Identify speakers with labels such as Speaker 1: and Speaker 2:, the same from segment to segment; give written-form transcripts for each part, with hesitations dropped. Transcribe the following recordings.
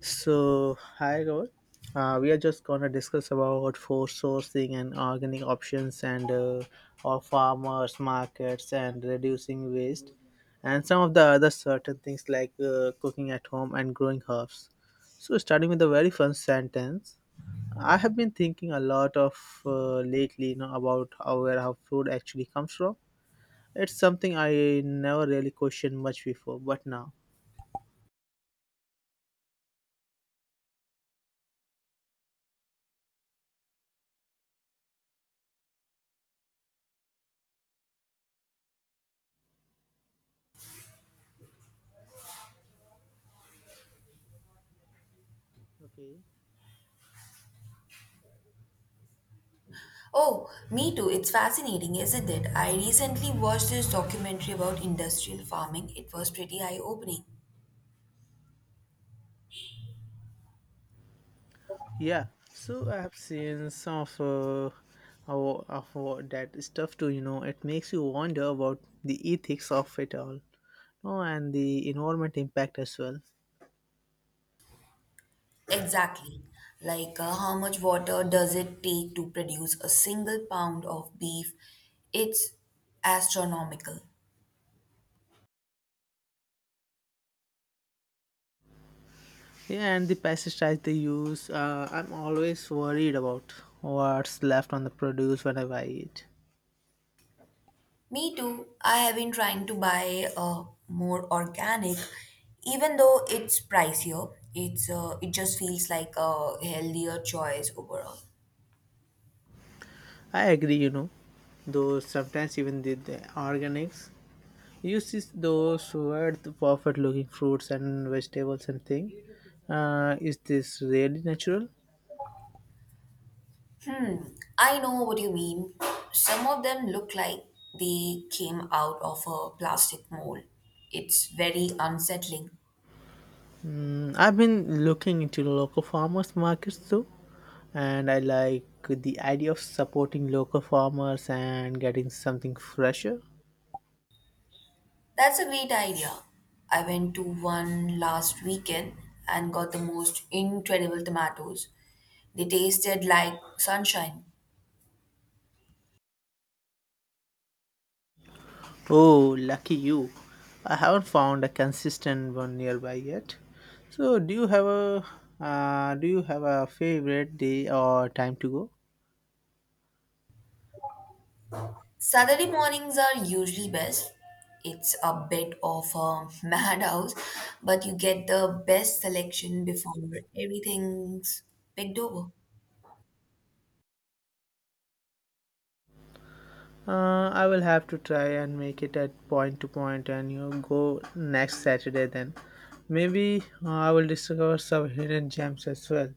Speaker 1: So, hi Gaurav. We are just going to discuss about food sourcing and organic options and of farmers markets and reducing waste and some of the other certain things like cooking at home and growing herbs. So, starting with the very first sentence, I have been thinking a lot of lately, you know, about how where our food actually comes from. It's something I never really questioned much before, but now. Okay.
Speaker 2: Oh, me too. It's fascinating, isn't it? I recently watched this documentary about industrial farming. It was pretty eye-opening.
Speaker 1: Yeah, so I've seen some of that stuff too. You know, it makes you wonder about the ethics of it all, no, and the environment impact as well.
Speaker 2: Exactly. Like how much water does it take to produce a single pound of beef? It's astronomical.
Speaker 1: Yeah, and the pesticides they use, I'm always worried about what's left on the produce whenever I eat.
Speaker 2: Me too. I have been trying to buy more organic, even though it's pricier. It's it just feels like a healthier choice overall.
Speaker 1: I agree, you know, though sometimes even the organics uses those who the perfect looking fruits and vegetables and thing. Is this really natural?
Speaker 2: Hmm, I know what you mean. Some of them look like they came out of a plastic mold. It's very unsettling.
Speaker 1: Mm, I've been looking into the local farmers markets too, and I like the idea of supporting local farmers and getting something fresher.
Speaker 2: That's a great idea. I went to one last weekend and got the most incredible tomatoes. They tasted like sunshine.
Speaker 1: Oh, lucky you. I haven't found a consistent one nearby yet. So, do you have a favorite day or time to go?
Speaker 2: Saturday mornings are usually best. It's a bit of a madhouse, but you get the best selection before everything's picked over.
Speaker 1: I will have to try and make it at point to point and, you know, go next Saturday then. Maybe I will discover some hidden gems as well.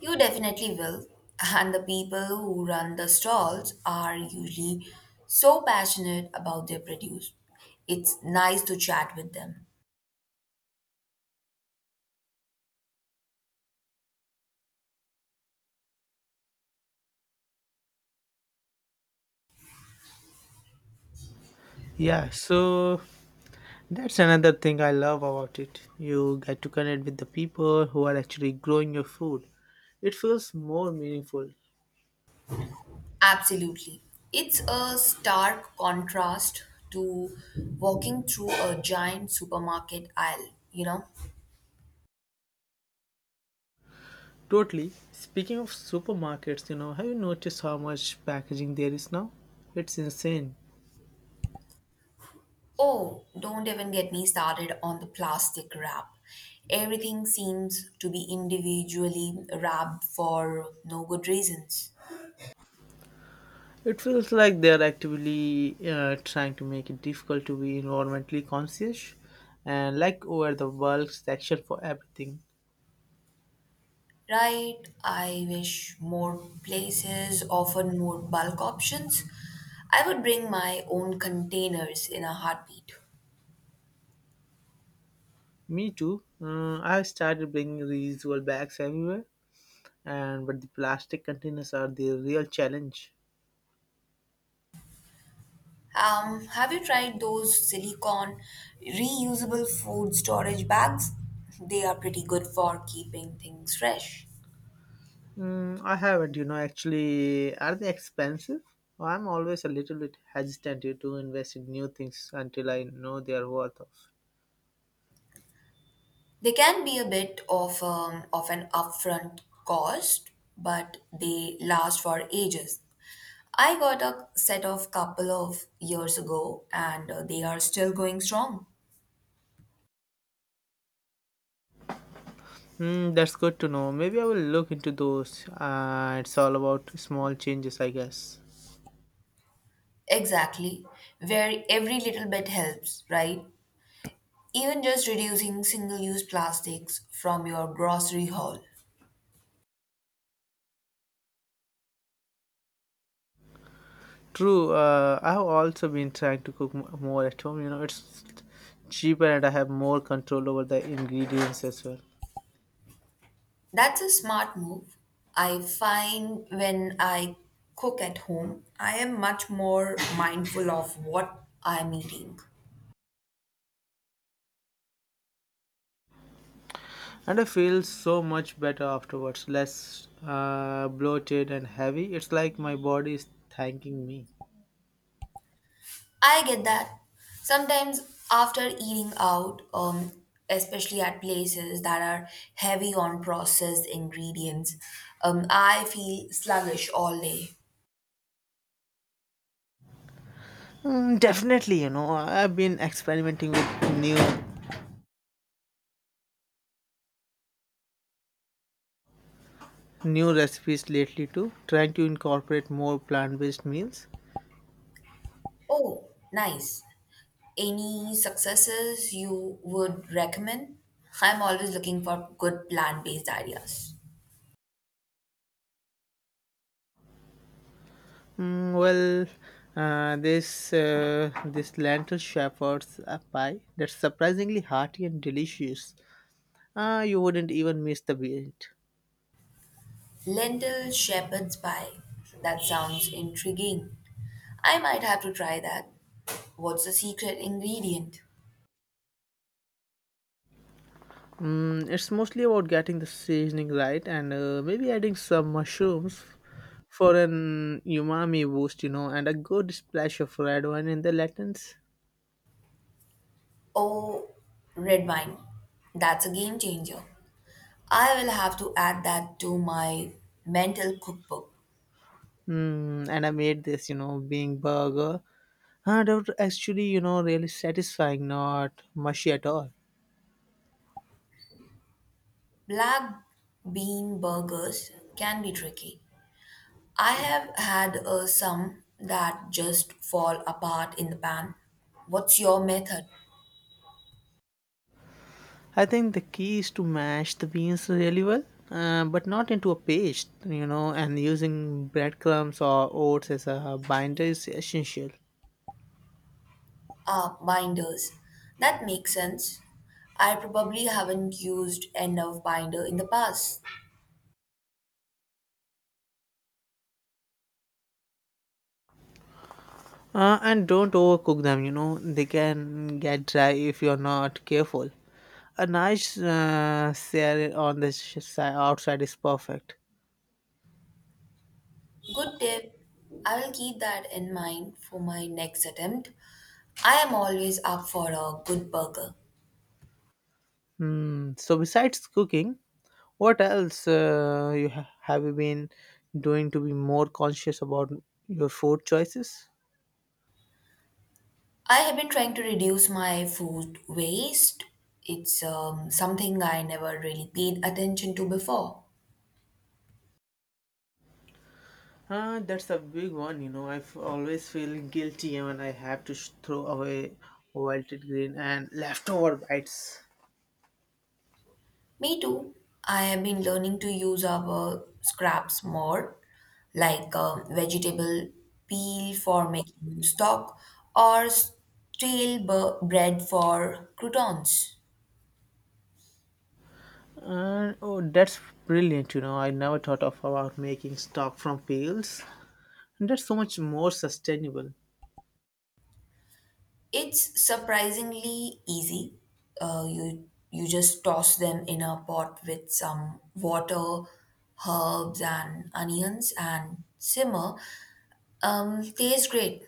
Speaker 2: You definitely will. And the people who run the stalls are usually so passionate about their produce. It's nice to chat with them.
Speaker 1: Yeah, so that's another thing I love about it. You get to connect with the people who are actually growing your food. It feels more meaningful.
Speaker 2: Absolutely. It's a stark contrast to walking through a giant supermarket aisle, you know?
Speaker 1: Totally. Speaking of supermarkets, you know, have you noticed how much packaging there is now? It's insane.
Speaker 2: Oh, don't even get me started on the plastic wrap. Everything seems to be individually wrapped for no good reasons.
Speaker 1: It feels like they're actively trying to make it difficult to be environmentally conscious and like over the bulk section for everything.
Speaker 2: Right, I wish more places offered more bulk options. I would bring my own containers in a heartbeat.
Speaker 1: Me too. I started bringing reusable bags everywhere and but the plastic containers are the real challenge.
Speaker 2: Have you tried those silicone reusable food storage bags? They are pretty good for keeping things fresh.
Speaker 1: Mm, I haven't, you know, actually. Are they expensive? Well, I'm always a little bit hesitant to invest in new things until I know their worth of.
Speaker 2: They can be a bit of an upfront cost, but they last for ages. I got a set of couple of years ago and they are still going strong.
Speaker 1: Mm, that's good to know. Maybe I will look into those. It's all about small changes, I guess.
Speaker 2: Exactly, where every little bit helps, right? Even just reducing single use plastics from your grocery haul.
Speaker 1: True. I have also been trying to cook more at home. You know, it's cheaper and I have more control over the ingredients as well.
Speaker 2: That's a smart move. I find when I cook at home, I am much more mindful of what I'm eating.
Speaker 1: And I feel so much better afterwards, less bloated and heavy. It's like my body is thanking me.
Speaker 2: I get that. Sometimes after eating out, especially at places that are heavy on processed ingredients, I feel sluggish all day.
Speaker 1: Mm, definitely, you know, I've been experimenting with new recipes lately too, trying to incorporate more plant-based meals.
Speaker 2: Oh, nice. Any successes you would recommend? I'm always looking for good plant based ideas.
Speaker 1: Mm, well, this lentil shepherd's pie that's surprisingly hearty and delicious. You wouldn't even miss the bit.
Speaker 2: Lentil shepherd's pie. That sounds intriguing. I might have to try that. What's the secret ingredient?
Speaker 1: Mm, it's mostly about getting the seasoning right and, maybe adding some mushrooms for an umami boost, you know, and a good splash of red wine in the latins.
Speaker 2: Oh, red wine. That's a game changer. I will have to add that to my mental cookbook.
Speaker 1: Mm, and I made this, you know, being burger. And it was actually, you know, really satisfying, not mushy at all.
Speaker 2: Black bean burgers can be tricky. I have had some that just fall apart in the pan. What's your method?
Speaker 1: I think the key is to mash the beans really well, but not into a paste, you know, and using breadcrumbs or oats as a binder is essential.
Speaker 2: Ah, binders. That makes sense. I probably haven't used enough binder in the past.
Speaker 1: And don't overcook them, you know, they can get dry if you're not careful. A nice sear on the outside is perfect.
Speaker 2: Good tip. I will keep that in mind for my next attempt. I am always up for a good burger.
Speaker 1: Hmm. So, besides cooking, what else have you been doing to be more conscious about your food choices?
Speaker 2: I have been trying to reduce my food waste. It's something I never really paid attention to before.
Speaker 1: That's a big one, you know. I always feel guilty when I have to throw away wilted green and leftover bites.
Speaker 2: Me too. I have been learning to use our scraps more, like vegetable peel for making stock or bread for croutons.
Speaker 1: And oh, that's brilliant. You know, I never thought of about making stock from pails. That's so much more sustainable.
Speaker 2: It's surprisingly easy. You just toss them in a pot with some water, herbs, and onions, and simmer. Tastes great.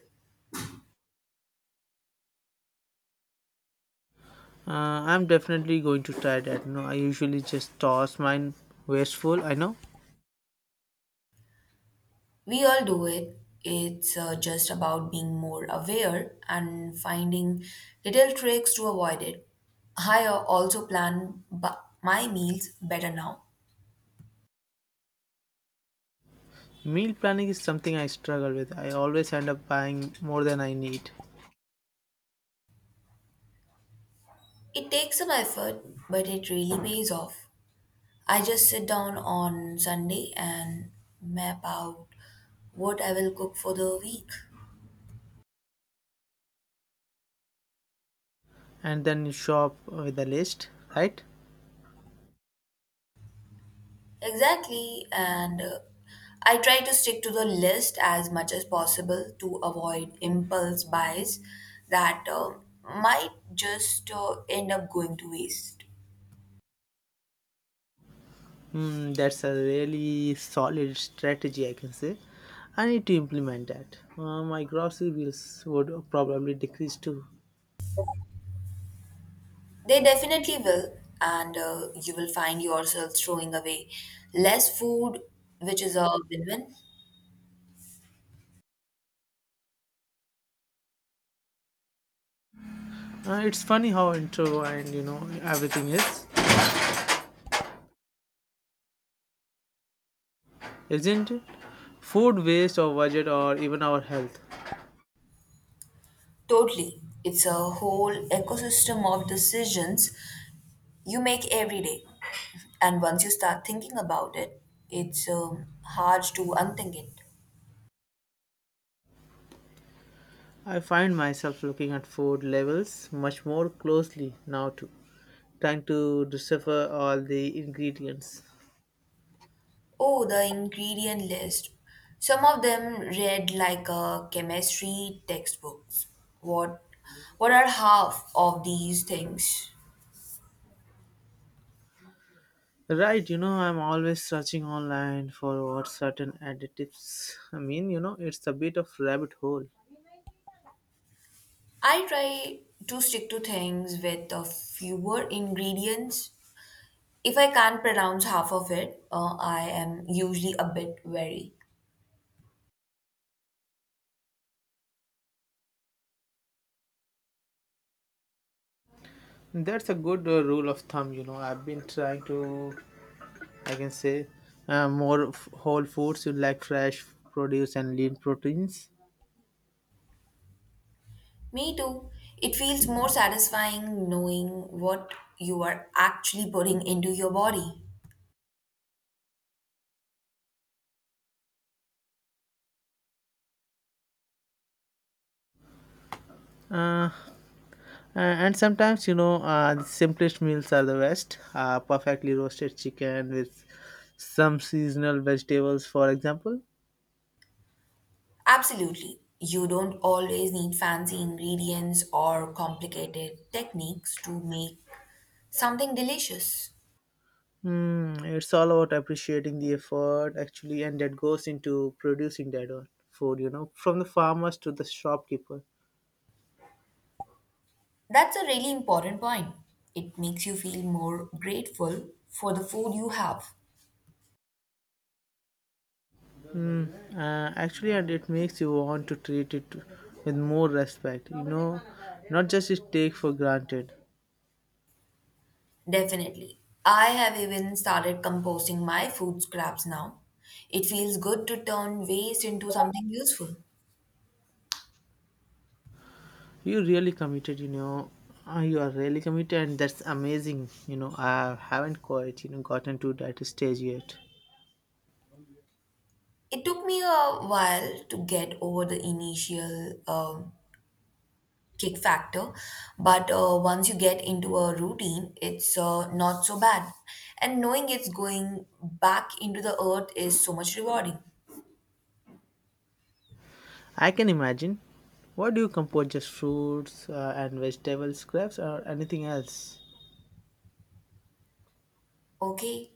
Speaker 1: Uh, I'm definitely going to try that. You know, I usually just toss mine wasteful. I know
Speaker 2: We all do it. It's just about being more aware and finding little tricks to avoid it. I also my meals better now.
Speaker 1: meal planning is something I struggle with. I always end up buying more than I need,
Speaker 2: It takes some effort, but it really pays off. I just sit down on Sunday and map out what I will cook for the week.
Speaker 1: and then shop with a list. Right?
Speaker 2: Exactly, and I try to stick to the list as much as possible to avoid impulse buys that might just end up going to waste.
Speaker 1: Hmm, that's a really solid strategy, I can say. I need to implement that. My grocery bills would probably decrease too.
Speaker 2: They definitely will, and you will find yourself throwing away less food, which is a win win.
Speaker 1: It's funny how intro and, you know, everything is, isn't it? Food waste or budget or even our health.
Speaker 2: Totally. It's a whole ecosystem of decisions you make every day. And once you start thinking about it, it's hard to unthink it.
Speaker 1: I find myself looking at food labels much more closely now too, trying to decipher all the ingredients.
Speaker 2: Oh, the ingredient list. Some of them read like a chemistry textbooks. What what are half of these things?
Speaker 1: Right, you know, I'm always searching online for what certain additives. I mean, you know, it's a bit of rabbit hole.
Speaker 2: I try to stick to things with a fewer ingredients. If I can't pronounce half of it, I am usually a bit wary.
Speaker 1: That's a good rule of thumb, you know. I've been trying to, I can say, whole foods. You like fresh produce and lean proteins.
Speaker 2: Me too. It feels more satisfying knowing what you are actually putting into your body.
Speaker 1: Uh, and sometimes, you know, the simplest meals are the best. Perfectly roasted chicken with some seasonal vegetables, for example.
Speaker 2: Absolutely. You don't always need fancy ingredients or complicated techniques to make something delicious.
Speaker 1: Mm, it's all about appreciating the effort actually, and that goes into producing that one food. You know, from the farmers to the shopkeeper.
Speaker 2: That's a really important point. It makes you feel more grateful for the food you have.
Speaker 1: Mm, actually, and it makes you want to treat it with more respect, you know, not just it take for granted.
Speaker 2: Definitely. I have even started composting my food scraps now. It feels good to turn waste into something useful.
Speaker 1: You really committed, you know, you are really committed, and that's amazing. You know, I haven't quite, you know, gotten to that stage yet.
Speaker 2: It took me a while to get over the initial kick factor, but once you get into a routine, it's not so bad. And knowing it's going back into the earth is so much rewarding.
Speaker 1: I can imagine. What do you compose? Just fruits and vegetable scraps, or anything else?
Speaker 2: Okay,